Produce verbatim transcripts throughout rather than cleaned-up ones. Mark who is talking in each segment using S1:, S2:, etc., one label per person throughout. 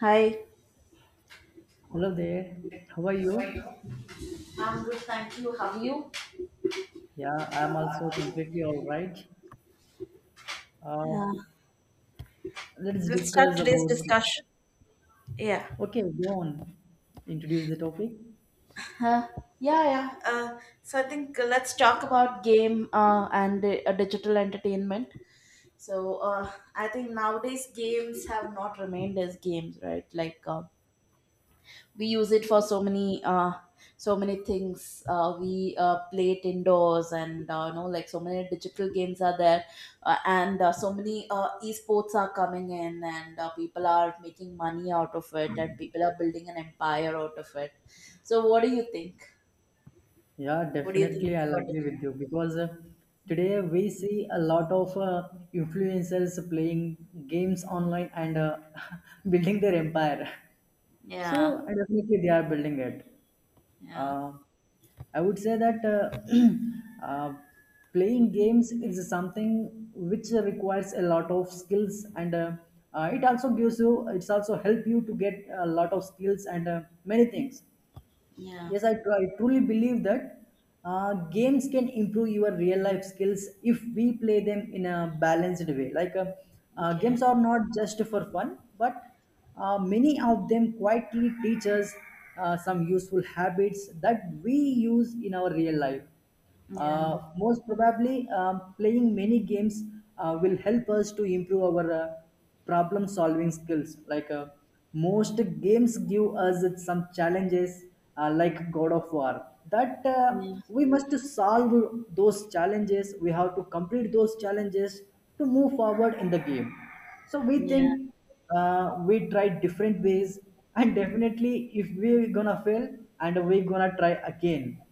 S1: Hi.
S2: Hello there. How are you?
S1: I'm good, thank you. How are you?
S2: Yeah, I'm also completely all right.
S1: Yeah.
S2: Uh, let's
S1: Let's start
S2: discuss
S1: today's
S2: about.
S1: discussion. Yeah.
S2: Okay, go on. Introduce the topic.
S1: Huh. Yeah, yeah. Uh, so I think, uh, let's talk about. About game, uh, and uh, digital entertainment. So uh, I think nowadays games Have not remained as games, right? Like, uh, we use it for so many uh so many things, uh we uh play it indoors, and uh, you know like so many digital games are there, uh, and uh, so many uh esports are coming in, and uh, people are making money out of it, and people are building an empire out of it. So what do you think
S2: Yeah,
S1: what do you
S2: definitely,
S1: think
S2: I'll
S1: about it?
S2: agree with you because uh, today we see a lot of uh, influencers playing games online and uh, building their empire.
S1: Yeah,
S2: So uh, definitely, they are building it.
S1: yeah,
S2: Uh, I would say that uh, uh, playing games is something which requires a lot of skills, and uh, uh, it also gives you, it's also help you to get a lot of skills and uh, many things.
S1: yeah,
S2: Yes, I, tru- I truly believe that uh, games can improve your real life skills if we play them in a balanced way. Like uh, uh,
S1: yeah,
S2: games are not just for fun, but uh, many of them quietly teach us uh, some useful habits that we use in our real life.
S1: yeah,
S2: Uh, most probably, um, playing many games uh, will help us to improve our uh, problem solving skills. Like uh, most games give us some challenges, uh, like God of War, that uh,
S1: yeah,
S2: we must solve those challenges. We have to complete those challenges to move forward in the game. So we
S1: yeah,
S2: think, uh, we try different ways, and definitely, if we're gonna fail, and we're gonna try again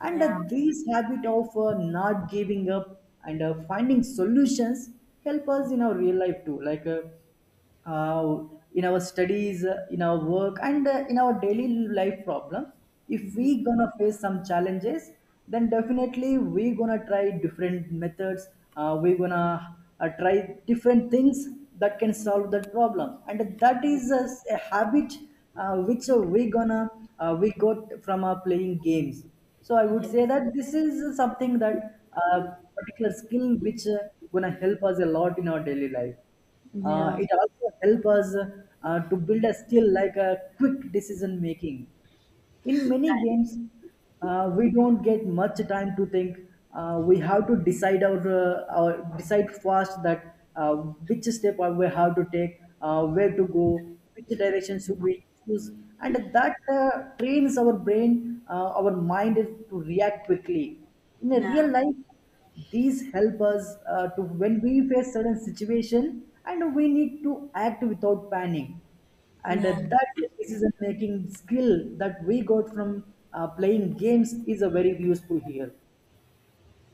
S2: and uh,
S1: yeah.
S2: this habit of uh, not giving up and uh, finding solutions help us in our real life too. like uh, uh, in our studies, uh, in our work, and uh, in our daily life problems, if
S1: Mhm.
S2: we gonna face some challenges, then definitely we gonna try different methods. Uh, we gonna, uh, try different things that can solve that problem, and that is a, a habit uh, which uh, we gonna uh, we got from uh, playing games. So I would
S1: Yeah,
S2: say that this is something that uh, particular skill which uh, gonna help us a lot in our daily life. Uh,
S1: yeah,
S2: it also help us uh, to build a skill like a quick decision making. In many games uh, we don't get much time to think. Uh, we have to decide our, uh, our decide fast that uh, which step I we have to take, uh, where to go, which direction should we choose, and that uh, trains our brain, uh, our mind to react quickly in a
S1: yeah,
S2: real life. These help us uh, to, when we face certain situation and we need to act without panic, and uh,
S1: yeah.
S2: that decision making skill that we got from uh, playing games is a very useful here.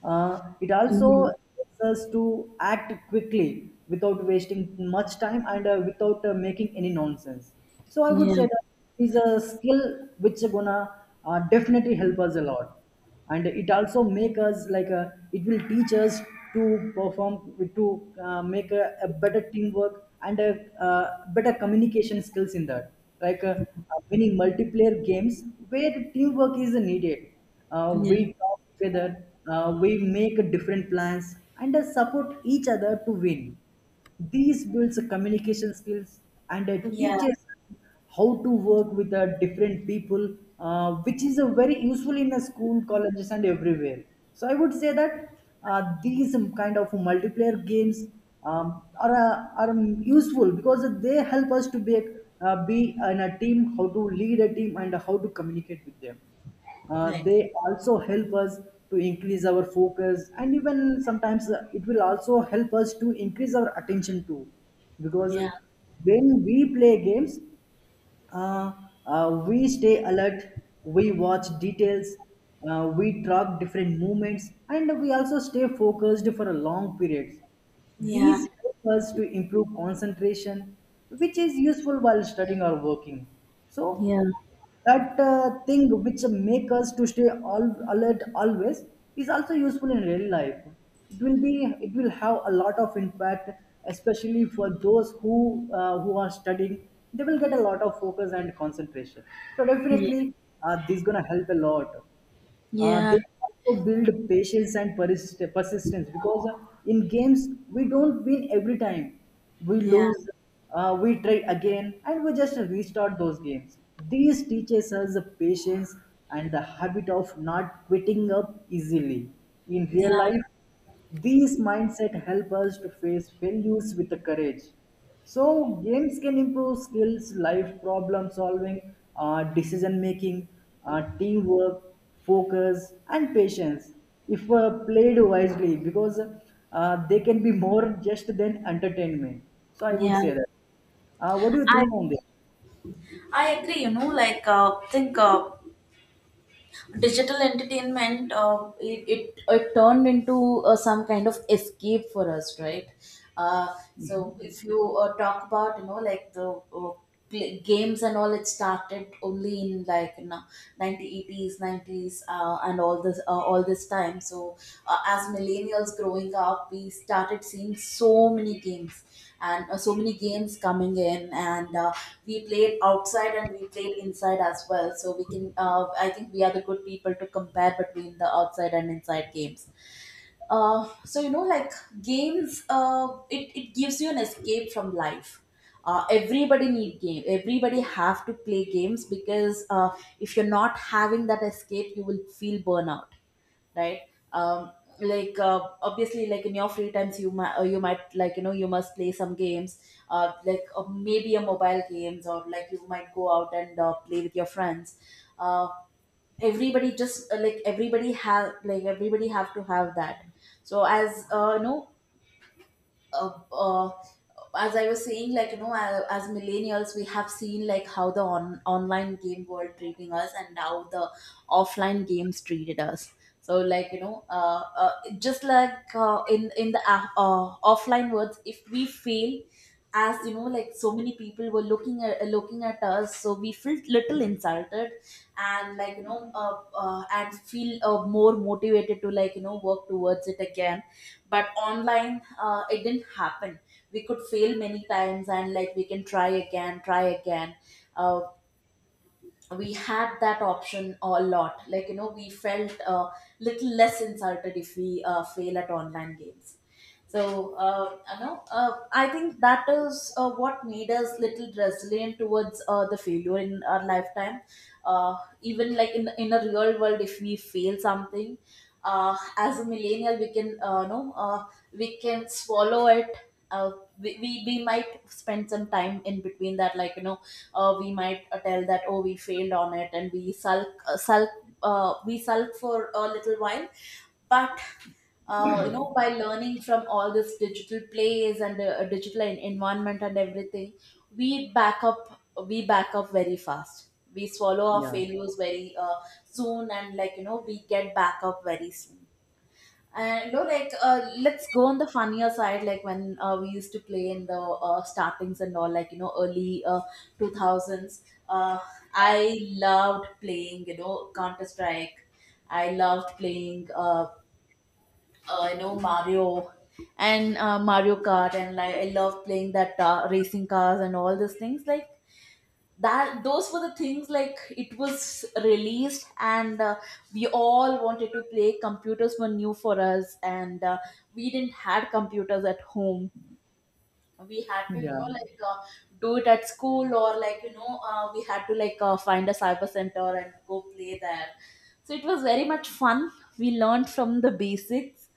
S2: uh, It also
S1: Mhm.
S2: helps us to act quickly without wasting much time and uh, without uh, making any nonsense. So I would
S1: Yeah.
S2: say that is a skill which is gonna uh, definitely help us a lot, and it also make us like a, it will teach us to perform to uh, make a, a better teamwork and a, uh better communication skills in that. Like uh,
S1: Mm-hmm.
S2: uh, winning multiplayer games where teamwork is needed, uh,
S1: Yeah.
S2: we talk together, uh, we make different plans, and uh, support each other to win. These builds communication skills and uh,
S1: Yeah.
S2: teaches how to work with uh, different people, uh, which is uh, very useful in uh, school, colleges, and everywhere. So I would say that uh, these um, kind of multiplayer games um, are uh, are um, useful because they help us to be, uh, be in a team, how to lead a team, and how to communicate with them. Uh,
S1: Like.
S2: they also help us to increase our focus, and even sometimes uh, it will also help us to increase our attention too, because
S1: Yeah,
S2: when we play games, uh, uh, we stay alert, we watch details, uh, we track different movements, and we also stay focused for a long period.
S1: yeah,
S2: These help us to improve concentration, which is useful while studying or working. So
S1: yeah,
S2: that uh, thing which make us to stay all alert always is also useful in real life. It will be it will have a lot of impact, especially for those who uh, who are studying. They will get a lot of focus and concentration. So
S1: yeah,
S2: definitely uh, this is going to help a lot. Uh,
S1: yeah,
S2: they also build patience and persist- persistence, because uh, in games we don't win every time. We
S1: yeah,
S2: lose, uh, we try again, and we just restart those games. This teaches us the patience and the habit of not quitting up easily. In real
S1: yeah,
S2: life, these mindset help us to face failures with the courage. So games can improve skills, life problem solving, uh, decision making, uh, teamwork, focus, and patience if uh, played wisely, because uh, they can be more just than entertainment. So I would
S1: yeah.
S2: say that. Uh, what do you
S1: I
S2: think on this?
S1: I agree. You know, like, uh, think, uh, digital entertainment, uh, it, it it turned into, uh, some kind of escape for us, right? Uh, so if you, uh, talk about, you know like the, uh, play, games and all, it started only in like, you know nineteen eighties nineties, uh, and all this uh, all this time. So, uh, as millennials growing up, we started seeing so many games, and uh, so many games coming in, and uh, we played outside and we played inside as well. So we can uh, I think we are the good people to compare between the outside and inside games. Uh, so, you know like games, uh, it, it gives you an escape from life. Uh, everybody need game. Everybody have to play games, because uh, if you're not having that escape, you will feel burnout, right? um like, uh, obviously, like in your free times, you might, uh, you might like you know you must play some games, uh like, uh, maybe a mobile games, or like you might go out and, uh, play with your friends. uh everybody just uh, Like, everybody have like everybody have to have that. So, as uh, no uh, uh, as I was saying, like, you know, a- as millennials, we have seen like how the on- online game world treating us, and now the offline games treated us. So, like, you know, uh, uh, just like, uh, in in the, uh, uh, offline worlds, if we fail, as you know, like so many people were looking at looking at us, so we felt little insulted. And like, you know uh, uh, and feel, uh, more motivated to, like, you know work towards it again. But online, uh, it didn't happen. We could fail many times, and like we can try again, try again. Uh, we had that option a lot. Like, you know we felt a little less insulted if we, uh, fail at online games. So, uh, you know uh, I think that is, uh, what made us little resilient towards, uh, the failure in our lifetime. uh, Even like in in a real world, if we fail something, uh, as a millennial we can, uh, you know uh, we can swallow it. uh, we, we, we might spend some time in between that, like, you know uh, we might, uh, tell that, "Oh, we failed on it," and we sulk uh, sulk. Uh, we sulk for a little while. But, uh, you know by learning from all this digital plays and, uh, digital en- environment and everything, we back up we back up very fast. We swallow our
S2: Yeah,
S1: failures very, uh, soon, and like, you know we get back up very soon. And no, like, uh, let's go on the funnier side. Like when, uh, we used to play in the, uh, startings and all, like, you know, early uh two thousands. Uh, I loved playing, you know, Counter Strike. I loved playing, uh, uh, you know, Mario, and uh, Mario Kart, and like I loved playing that, uh, racing cars and all those things. Like that those were the things. Like it was released, and uh, we all wanted to play. Computers were new for us, and uh, we didn't had computers at home. We had to, you
S2: yeah,
S1: know like, uh, do it at school, or like, you know uh, we had to, like, uh, find a cyber center and go play there. So it was very much fun. We learned from the basics,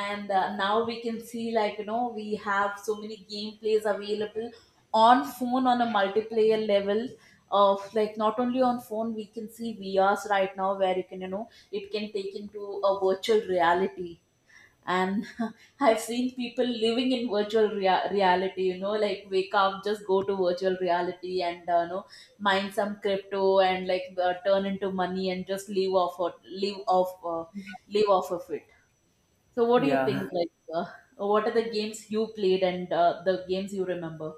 S1: and uh, now we can see, like, you know we have so many gameplays available on phone, on a multiplayer level. Of like not only on phone, we can see vrs right now, where you can, you know it can take into a virtual reality. And I've seen people living in virtual rea- reality, you know like, wake up, just go to virtual reality, and, uh, you know mine some crypto and like, uh, turn into money and just live off or live off uh, live off of it. So what do you
S2: yeah.
S1: think, like, uh, what are the games you played and, uh, the games you remember?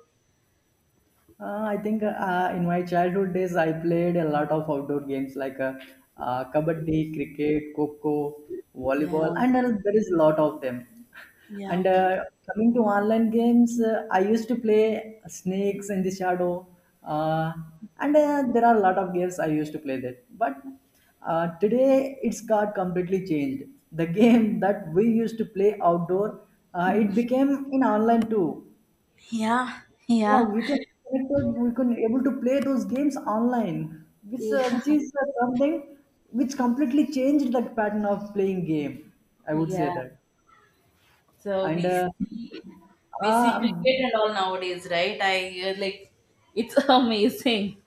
S2: Uh, I think uh, in my childhood days, I played a lot of outdoor games, like uh, uh, kabaddi, cricket, kho, volleyball,
S1: Yeah.
S2: and uh, there is a lot of them.
S1: Yeah.
S2: And uh, coming to online games, uh, I used to play Snakes in the Shadow, uh, and uh, there are a lot of games I used to play that. But uh, today, it's got completely changed. The game that we used to play outdoor, uh, it became in online too.
S1: Yeah.
S2: Yeah,
S1: Yeah.
S2: we can connected, we can able to play those games online, which uh, which
S1: Yeah.
S2: is uh, something which completely changed the pattern of playing game. I would say
S1: Yeah.
S2: that.
S1: So
S2: And
S1: we
S2: uh,
S1: see we see cricket
S2: um,
S1: and all nowadays, right? I uh, Like, it's amazing.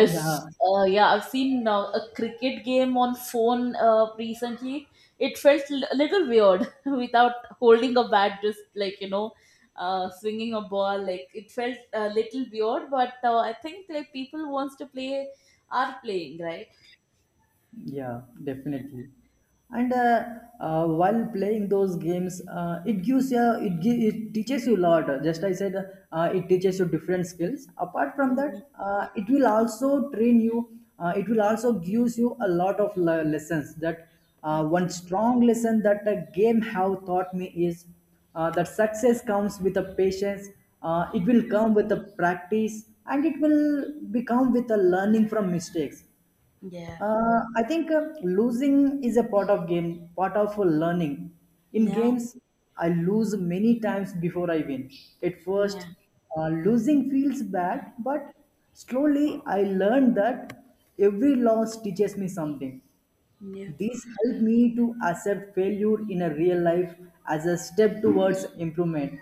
S1: s-
S2: yeah.
S1: uh, Yeah, I've seen now a cricket game on phone, uh, recently. It felt l- a little weird without holding a bat, just like, you know, uh, swinging a ball. Like, it felt a little weird, but uh, I think like people wants to play are playing, right?
S2: Yeah, definitely. And uh, uh, While playing those games, uh, it gives you it gi- it teaches you a lot. Just I said, uh, it teaches you different skills. Apart from
S1: Yeah,
S2: that, uh, it will also train you. Uh, it will also gives you a lot of le- lessons. That uh,
S1: I
S2: One
S1: agree.
S2: strong lesson that a game have taught me is uh, that success comes with a patience. Uh, it will come with a practice, and it will become with a learning from mistakes.
S1: Yeah,
S2: Uh, I think uh, losing is a part of game, part of learning. In
S1: yeah,
S2: games, I lose many times before I win. At first,
S1: yeah,
S2: uh, losing feels bad, but slowly I learned that every loss teaches me something.
S1: yeah,
S2: This helped me to accept failure in a real life as a step towards improvement.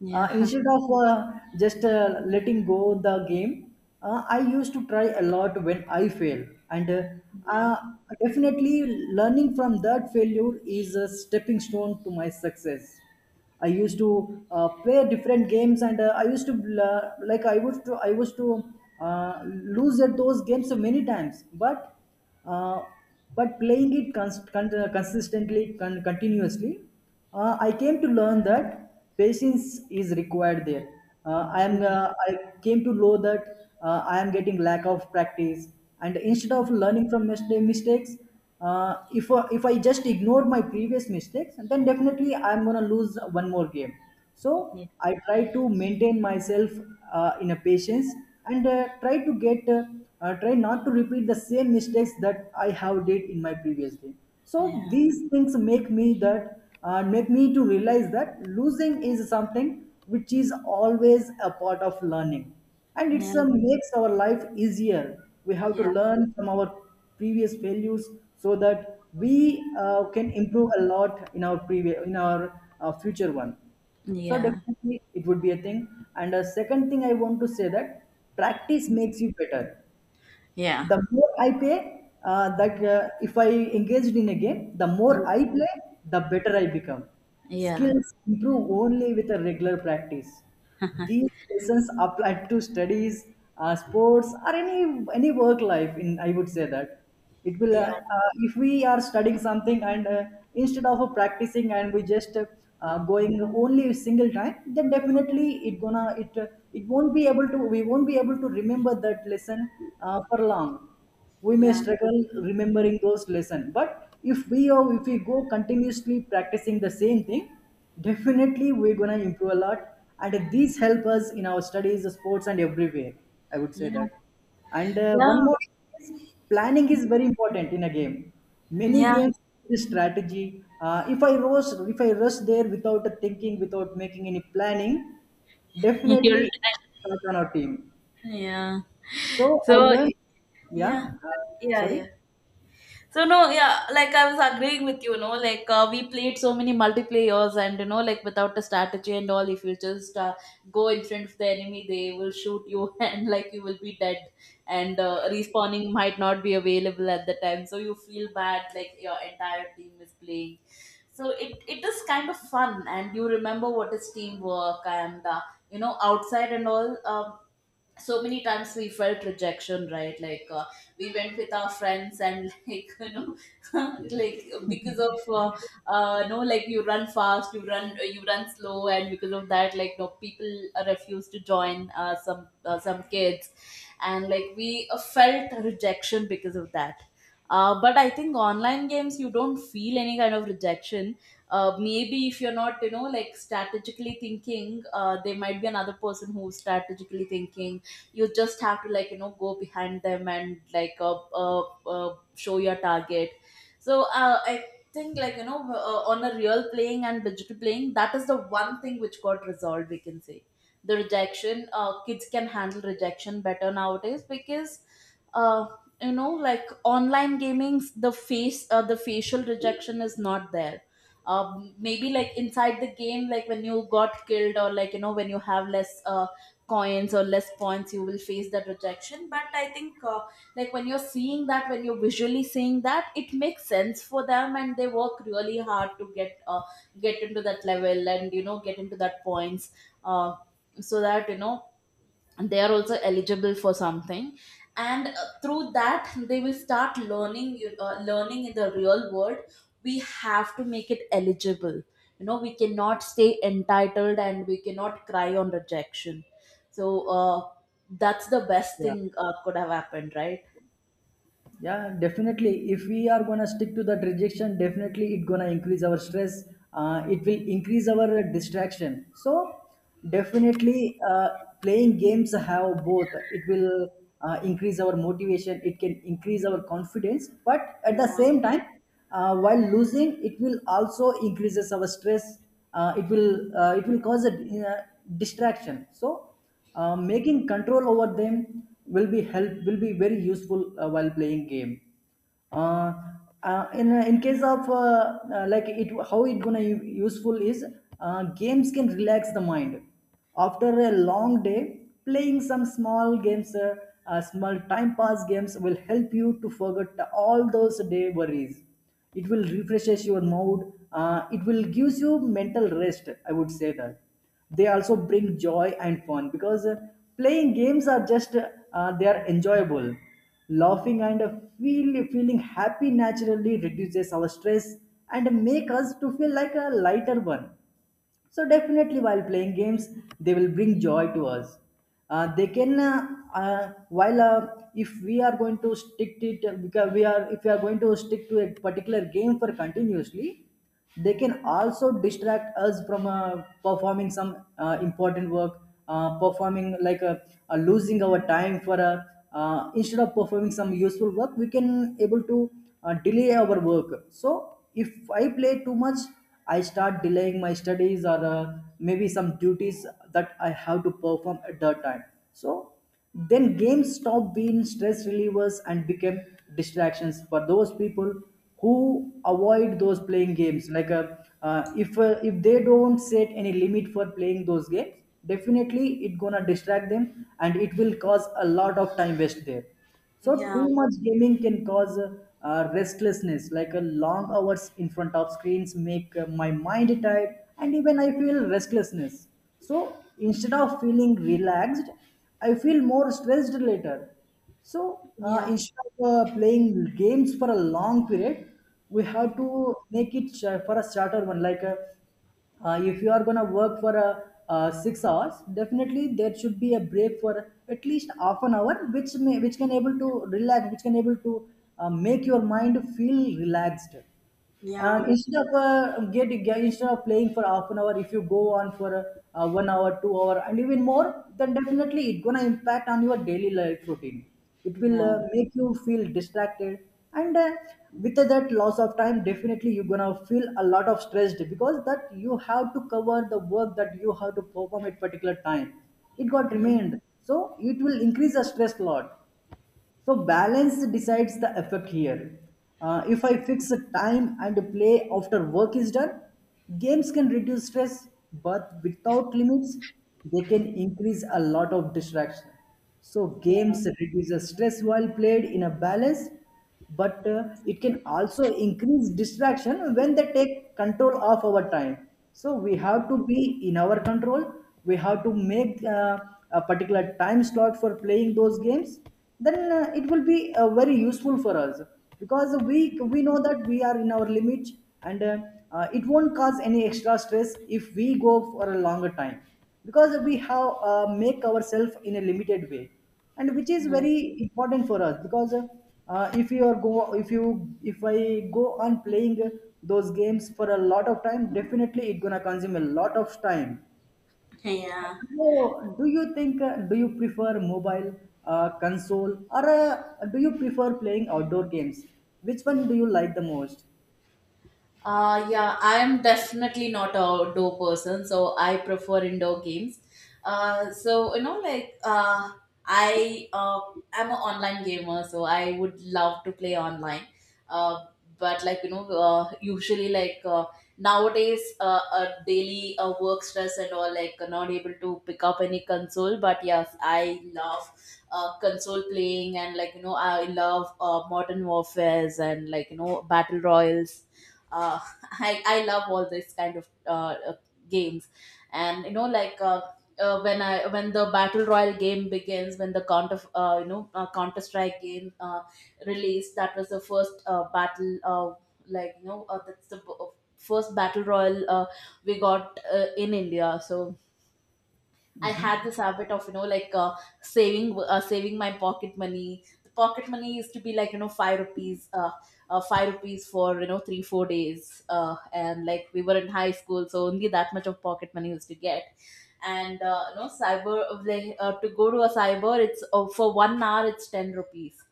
S1: yeah.
S2: Uh,
S1: Yeah.
S2: instead of uh, just uh, letting go the game, uh, I used to try a lot when I fail, and uh,
S1: Yeah.
S2: uh, definitely learning from that failure is a stepping stone to my success. I used to uh, play different games, and uh, I used to, uh, like I would to I used to uh, lose at those games so many times, but uh, but playing it cons- con- uh, consistently, con- continuously, uh, I came to learn that patience is required there. Uh, I am
S1: Yeah,
S2: uh, I came to know that uh, I am getting lack of practice, and instead of learning from mis- mistakes, uh, if uh, if I just ignore my previous mistakes, then definitely I'm gonna lose one more game. So I try to maintain myself uh, in a patience and uh, try to get, uh, uh, try not to repeat the same mistakes that I have did in my previous game. So
S1: yeah,
S2: these things make me that uh, make me to realize that losing is something which is always a part of learning, and
S1: yeah,
S2: it's a makes our life easier. We have to
S1: yeah,
S2: learn from our previous failures so that we uh, can improve a lot in our previous in our uh, future one. So
S1: yeah,
S2: definitely it would be a thing. And a second thing I want to say that practice makes you better.
S1: yeah,
S2: The more I play, uh, that uh, if I engaged in a game, the more I play, the better I become.
S1: yeah, yeah, yeah,
S2: Skills improve only with a regular practice. These lessons apply to studies, uh, sports, or any any work life. In, I would say that, it will uh,
S1: yeah,
S2: uh, if we are studying something and uh, instead of uh, practicing, and we just uh, uh, going only a single time, then definitely it gonna it uh, it won't be able to, we won't be able to remember that lesson uh, for long. We may
S1: yeah,
S2: struggle remembering those lesson. But if we are, if we go continuously practicing the same thing, definitely we're gonna improve a lot, and these help us in our studies, sports, and everywhere, I would say
S1: yeah,
S2: that. And uh,
S1: yeah,
S2: one more is, planning is very important in a game. Many
S1: yeah.
S2: games the strategy. Uh, if I rush, if I rush there without thinking, without making any planning,
S1: You'll
S2: definitely
S1: try.
S2: it's not on our team.
S1: Yeah.
S2: So I
S1: So,
S2: learned. Yeah.
S1: yeah,
S2: Uh,
S1: yeah, yeah.
S2: sorry.
S1: So no, yeah, like I was agreeing with you. No, like, uh, we played so many multiplayers, and you know, like without a strategy and all, if you just, uh, go in front of the enemy, they will shoot you, and like you will be dead, and uh, respawning might not be available at the time, so you feel bad, like your entire team is playing. So it, it is kind of fun, and you remember what is teamwork, and, uh, you know, outside and all. Um, so many times we felt rejection, right? Like, uh, we went with our friends, and like, you know like because of, uh, uh no, like you run fast, you run you run slow, and because of that, like, no, people refuse to join, uh, some uh, some kids, and like we, uh, felt rejection because of that. Uh, but I think online games, you don't feel any kind of rejection. Uh, maybe if you're not, you know, like strategically thinking, uh, there might be another person who's strategically thinking. You just have to, like, you know go behind them, and like, uh, uh, uh, show your target. So, uh, I think, like, you know uh, on a real playing and digital playing, that is the one thing which got resolved, we can say. The rejection, uh, kids can handle rejection better nowadays, because uh, you know like online gamings, the face uh, the facial rejection is not there. Um, maybe like inside the game, like when you got killed, or like, you know when you have less, uh, coins or less points, you will face that rejection. But I think, uh, like when you're seeing that when you're visually seeing that, it makes sense for them, and they work really hard to get uh, get into that level, and, you know get into that points. uh, so that, you know they are also eligible for something. And, uh, through that, they will start learning, you- uh, learning in the real world. We have to make it eligible. You know we cannot stay entitled, and we cannot cry on rejection. So, uh, that's the best
S2: Yeah.
S1: thing, uh, could have happened, right?
S2: Yeah, definitely if we are gonna stick to that rejection definitely it gonna increase our stress. Uh, it will increase our distraction. So definitely, uh, playing games have both. It will uh, increase our motivation, it can increase our confidence, but at the
S1: Yeah.
S2: same time uh, while losing it will also increases our stress. Uh, it will uh, it will cause a uh, distraction. So uh, making control over them will be help will be very useful uh, while playing game. Uh, uh, in in case of uh, uh, like it how it gonna u- useful is, uh, games can relax the mind. After a long day playing some small games, uh, uh, small time pass games will help you to forget all those day worries. It will refreshes your mood. Uh, it will gives you mental rest, I would say that. They also bring joy and fun because uh, playing games are just, uh, they are enjoyable. Laughing and uh, feel, feeling happy naturally reduces our stress and make us to feel like a lighter one. So definitely, while playing games, they will bring joy to us. Uh, they can, uh, uh, while uh, if we are going to stick to it, because we are if we are going to stick to a particular game for continuously, they can also distract us from uh, performing some uh, important work, uh, performing like uh, uh, losing our time for a. Uh, instead of performing some useful work, we can able to uh, delay our work. So if I play too much, I start delaying my studies or uh, maybe some duties that I have to perform at that time. So then games stop being stress relievers and become distractions for those people who avoid those playing games. Like uh, uh, if uh, if they don't set any limit for playing those games, definitely it gonna distract them and it will cause a lot of time waste there. So
S1: Yeah.
S2: too much gaming can cause uh, restlessness, like a long hours in front of screens make uh, my mind tired, and even I feel restlessness. So instead of feeling relaxed, I feel more stressed later. So uh,
S1: Yeah.
S2: instead of uh, playing games for a long period, we have
S1: Mm.
S2: to make it sh- for a shorter one, like a uh, if you are going to work for a uh, six hours, definitely there should be a break for at least half an hour which may which can able to relax, which can able to uh, make your mind feel relaxed.
S1: Yeah.
S2: And instead of uh, get, get instead of playing for half an hour, if you go on for uh, one hour, two hour and even more, then definitely it's going to impact on your daily life routine. It will uh,
S1: Yeah.
S2: make you feel distracted and uh, with that loss of time, definitely you're gonna feel a lot of stressed because that you have to cover the work that you have to perform at particular time. It got
S1: Yeah.
S2: remained, so it will increase the stress load. So balance decides the effect here. Uh, if I fix a time and play after work is done, games can reduce stress, but without limits, they can increase a lot of distraction. So
S1: Yeah.
S2: games reduces stress while played in a balance, but uh, it can also increase distraction when they take control of our time. So we have to be in our control. We have to make uh, a particular time slot for playing those games, then uh, it will be uh, very useful for us, because we we know that we are in our limit. And uh, uh, it won't cause any extra stress if we go for a longer time, because we have uh, make ourselves in a limited way, and which is very important for us. Because uh, uh, if you are go if you if I go on playing those games for a lot of time, definitely it gonna consume a lot of time.
S1: Yeah.
S2: So do you think, uh, do you prefer mobile, uh, console, or uh, do you prefer playing outdoor games? Which one do you like the most?
S1: Uh, yeah, I am definitely not a outdoor person, so I prefer indoor games. Uh, so, you know, like, uh, I uh, am an online gamer, so I would love to play online. Uh, but like, you know, uh, usually like, uh, nowadays, uh, a daily, uh, work stress and all, like, uh, not able to pick up any console. But yes, I love, uh, console playing, and like, you know, I love, uh, modern warfares, and like, you know, battle royals, uh, I, I love all this kind of, uh, uh, games. And, you know like, uh, uh, when I when the battle royal game begins, when the counter uh, you know uh, counter strike game, uh, released. That was the first, uh, battle, uh, like, you know uh, that's the, b- uh, first battle royal, uh, we got, uh, in India. So I had
S2: Hmm.
S1: this habit of, you know like, uh, saving uh, saving my pocket money. The pocket money used to be like, you know five rupees, uh, uh, five rupees for you know three four days, uh, and like we were in high school, so only that much of pocket money used to get. And uh, you know cyber like, uh, to go to a cyber, it's uh, for one hour it's ten rupees.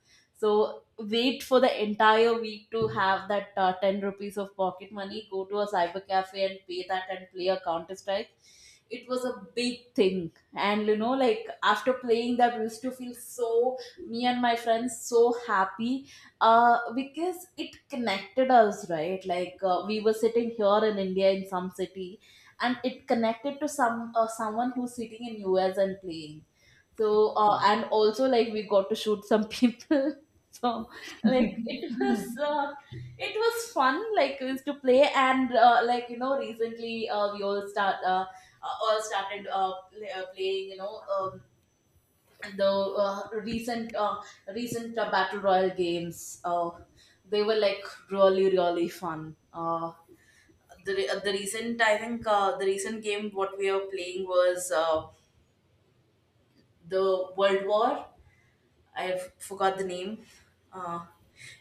S1: So wait for the entire week to have that uh, ten rupees of pocket money. Go to a cyber cafe and pay that and play a Counter Strike. It was a big thing, and you know like after playing that we used to feel so, me and my friends, so happy, uh because it connected us, right? Like uh, we were sitting here in india in some city, and it connected to some uh, someone who's sitting in U S and playing. So uh, and also like we got to shoot some people so like it was uh, it was fun, like is to play. And uh, like you know recently uh, we all start uh, uh, all started uh, play, uh, playing you know um, the uh, recent uh, recent uh, battle royal games. Uh, they were like really really fun. Uh, the, re- uh, the recent I think uh, the recent game what we were playing was uh, the world war. I f- forgot the name. Uh,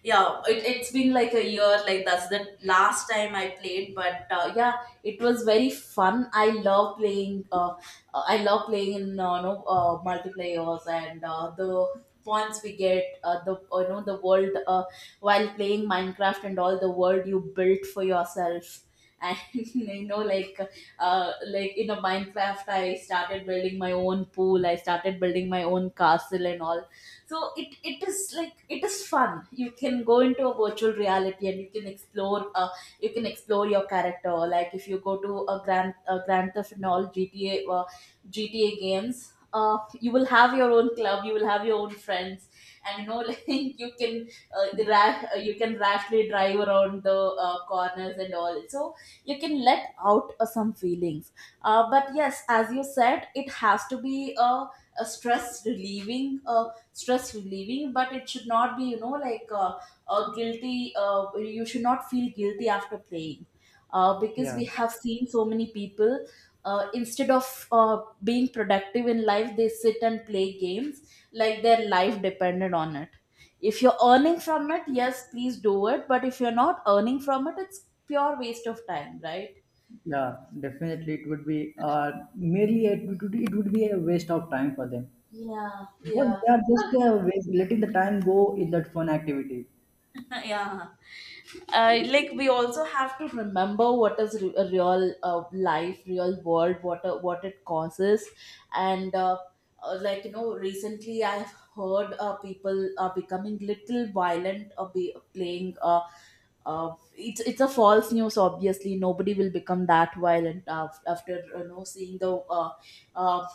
S1: yeah, it, it's been like a year, like that's the last time I played, but uh, yeah, it was very fun. I love playing, uh, uh, I love playing in uh, you know, uh, multiplayers, and uh, the points we get, uh, the uh, you know the world uh, while playing Minecraft, and all the world you built for yourself. And you know, like uh, like in a Minecraft, I started building my own pool. I started building my own castle and all. So it it is, like, it is fun. You can go into a virtual reality, and you can explore, uh, you can explore your character. Like if you go to a grand a grand theft and all, G T A, uh, gta games, uh, you will have your own club, you will have your own friends. And you know like you can uh, ra- uh, you can rashly drive around the uh, corners and all. So you can let out uh, some feelings, uh, but yes, as you said, it has to be a, a stress relieving, uh, stress relieving but it should not be, you know like, uh, a guilty uh, you should not feel guilty after playing. Uh, because
S2: Yeah.
S1: we have seen so many people uh, instead of uh, being productive in life, they sit and play games like their life depended on it. If you're earning from it, yes, please do it. But if you're not earning from it, it's pure waste of time, right?
S2: Yeah, definitely, it would be uh merely it would, it would be a waste of time for them.
S1: Yeah,
S2: Because
S1: yeah.
S2: they are just uh, wa- letting the time go in that fun activity.
S1: Yeah. Uh, like we also have to remember what is re- a real uh, life, real world, what uh, what it causes. And uh, uh, like you know recently I've heard uh, people are becoming little violent, uh, be, playing, uh, uh, it's it's a false news. Obviously nobody will become that violent af- after you know seeing the uh, uh,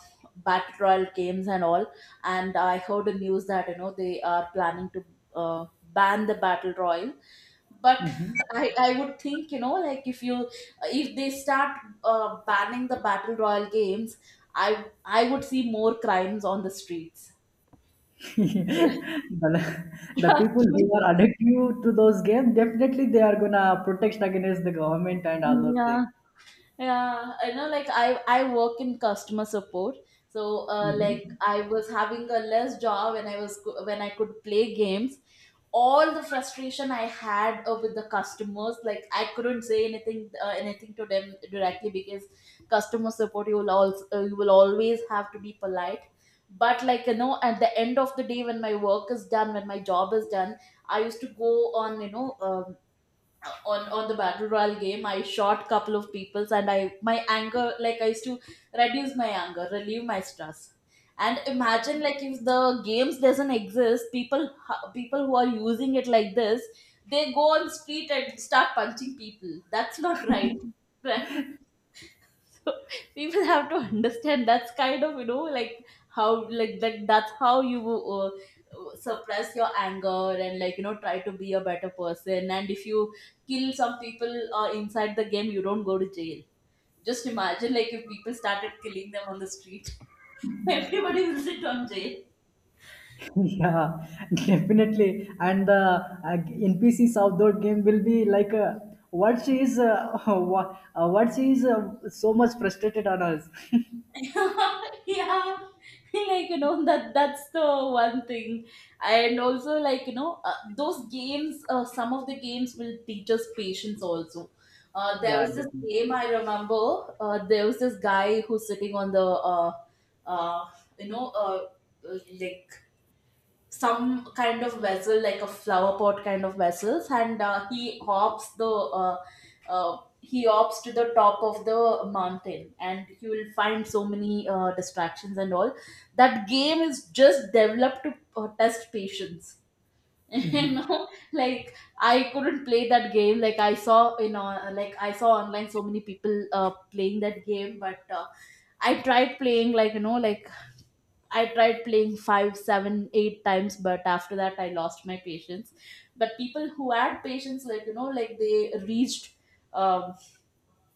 S1: battle royal games and all. And I heard the news that you know they are planning to uh, ban the battle royal. But
S2: Mhm.
S1: I, I would think, you know like, if you if they start uh, banning the battle royal games, i i would see more crimes on the streets.
S2: the, the people
S1: Trust me.
S2: who are addicted to those games, definitely they are gonna protest against the government and all those things.
S1: Yeah. Yeah, I know, like i i work in customer support. So uh, like
S2: Mhm.
S1: I was having a less job when I was when I could play games. All the frustration I had uh, with the customers. Like I couldn't say anything uh, anything to them directly, because customer support, you will also uh, you will always have to be polite. But like, you know, at the end of the day, when my work is done, when my job is done, I used to go on, you know um, on on the battle royale game, I shot couple of peoples, and I my anger, like, I used to reduce my anger, relieve my stress. And imagine, like, if the games doesn't exist, people ho- people who are using it like this, they go on street and start punching people. That's not right, right? People have to understand, that's kind of, you know like, how, like that that's how you uh, suppress your anger. And like, you know try to be a better person. And if you kill some people uh, inside the game, you don't go to jail. Just imagine, like, if people started killing them on the street, everybody will sit on jail.
S2: Yeah, definitely. And the uh, N P Cs of that game will be like, uh, what she is, uh, what, uh, what she is uh, so much frustrated on us.
S1: Yeah. Like you know that that's the one thing. And also, like, you know uh, those games, uh, some of the games will teach us patience also. Uh, there
S2: Yeah,
S1: was this
S2: definitely.
S1: game, I remember. Uh, there was this guy who's sitting on the uh, uh, you know uh, uh, like some kind of vessel, like a flower pot kind of vessels. And uh, he hops the uh, uh, he hops to the top of the mountain, and you will find so many uh, distractions and all. That game is just developed to uh, test patience. You
S2: Mhm.
S1: know like I couldn't play that game. Like I saw, you know like I saw online so many people uh, playing that game. But uh, I tried playing, like you know like I tried playing five, seven, eight times, but after that I lost my patience. But people who had patience, like, you know, like, they reached, um,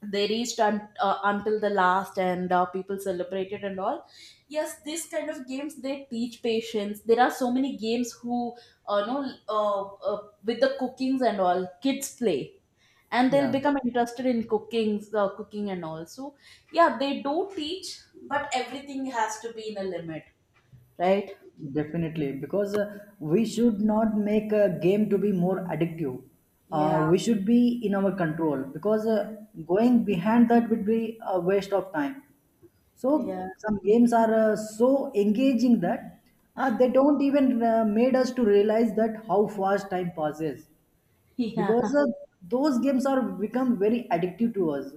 S1: they reached un- uh, until the last, and uh, people celebrated and all. Yes, this kind of games they teach patience. There are so many games who, uh, know, uh, uh, with the cookings and all, kids play, and they'll
S2: Yeah.
S1: become interested in cooking, uh, cooking and all. So yeah, they do teach, but everything has to be in a limit, right?
S2: Definitely, because uh, we should not make a game to be more addictive. Uh,
S1: Yeah,
S2: we should be in our control, because uh, going behind that would be a waste of time. So
S1: yeah.
S2: some games are uh, so engaging that uh, they don't even uh, made us to realize that how fast time passes,
S1: Yeah.
S2: because uh, those games are become very addictive to us,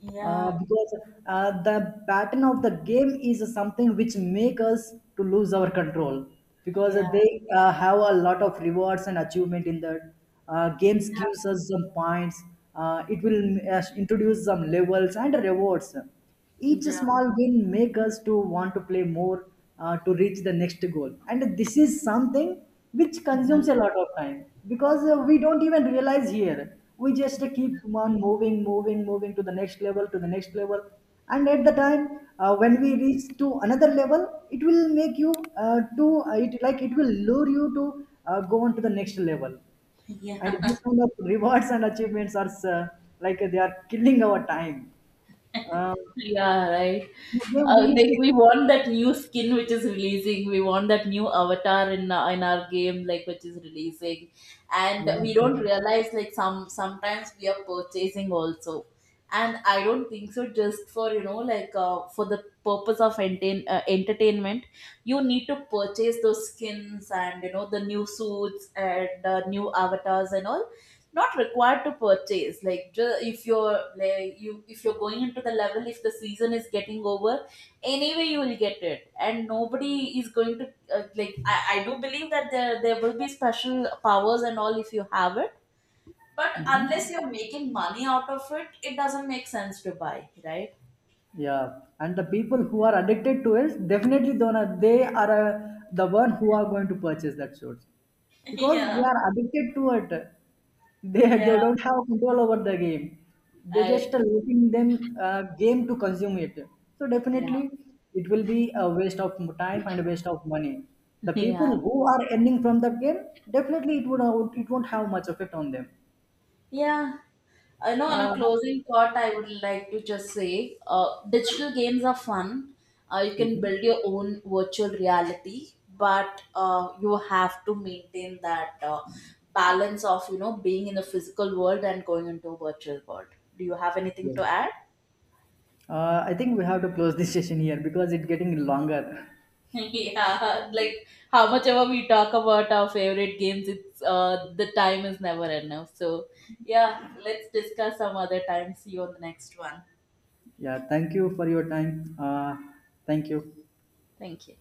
S1: Yeah,
S2: uh, because uh, the pattern of the game is something which make us to lose our control, because
S1: yeah,
S2: they uh, have a lot of rewards and achievement in that. Uh, games gives us some points. Uh, it will uh, introduce some levels and rewards. Each
S1: yeah,
S2: small win make us to want to play more, uh, to reach the next goal. And this is something which
S1: yeah,
S2: consumes a lot of time, because uh, we don't even realize here. We just keep on moving, moving, moving to the next level, to the next level. And at the time uh, when we reach to another level, it will make you uh, to uh, it like it will lure you to uh, go on to the next level.
S1: yeah.
S2: And these kind of rewards and achievements are, uh, like they are killing our time. Uh,
S1: Yeah, right.
S2: then
S1: Uh,
S2: we used
S1: like
S2: to-
S1: we want that new skin which is releasing. We want that new avatar in uh, in our game, like, which is releasing, and
S2: Yeah.
S1: we don't realize, like, some sometimes we are purchasing also. And I don't think so. Just, for you know like uh, for the purpose of entertain, uh, entertainment, you need to purchase those skins and, you know the new suits and uh, new avatars and all. Not required to purchase. Like ju- if you're, like you if you're going into the level, if the season is getting over, anyway you will get it, and nobody is going to. Uh, like, I, I do believe that there there will be special powers and all if you have it. But unless
S2: Mm-hmm.
S1: you're making money out of it, it doesn't make sense to buy, right?
S2: Yeah. And the people who are addicted to it, definitely don't, they are uh, the one who are going to purchase that shorts, because they
S1: Yeah,
S2: are addicted to it. They, they
S1: yeah.
S2: don't have control over the game. They
S1: I
S2: just are
S1: agree.
S2: letting them uh, game to consume it. So
S1: Yeah.
S2: definitely it will be a waste of time and a waste of money. The people
S1: Yeah.
S2: who are earning from that game, definitely it would uh, it won't have much effect on them.
S1: Yeah. I know, on a
S2: Uh,
S1: closing thought, I would like to just say, uh, digital games are fun. Uh, you can
S2: mhm.
S1: build your own virtual reality, but uh, you have to maintain that uh, balance of, you know, being in the physical world and going into a virtual world. Do you have anything
S2: Yeah.
S1: to add?
S2: Uh, I think we have to close this session here because it's getting longer.
S1: Yeah, like how much ever we talk about our favorite games, it's uh, the time is never enough. So, yeah, let's discuss some other time. See you on the next one.
S2: Yeah, thank you for your time. Uh, thank you.
S1: Thank you.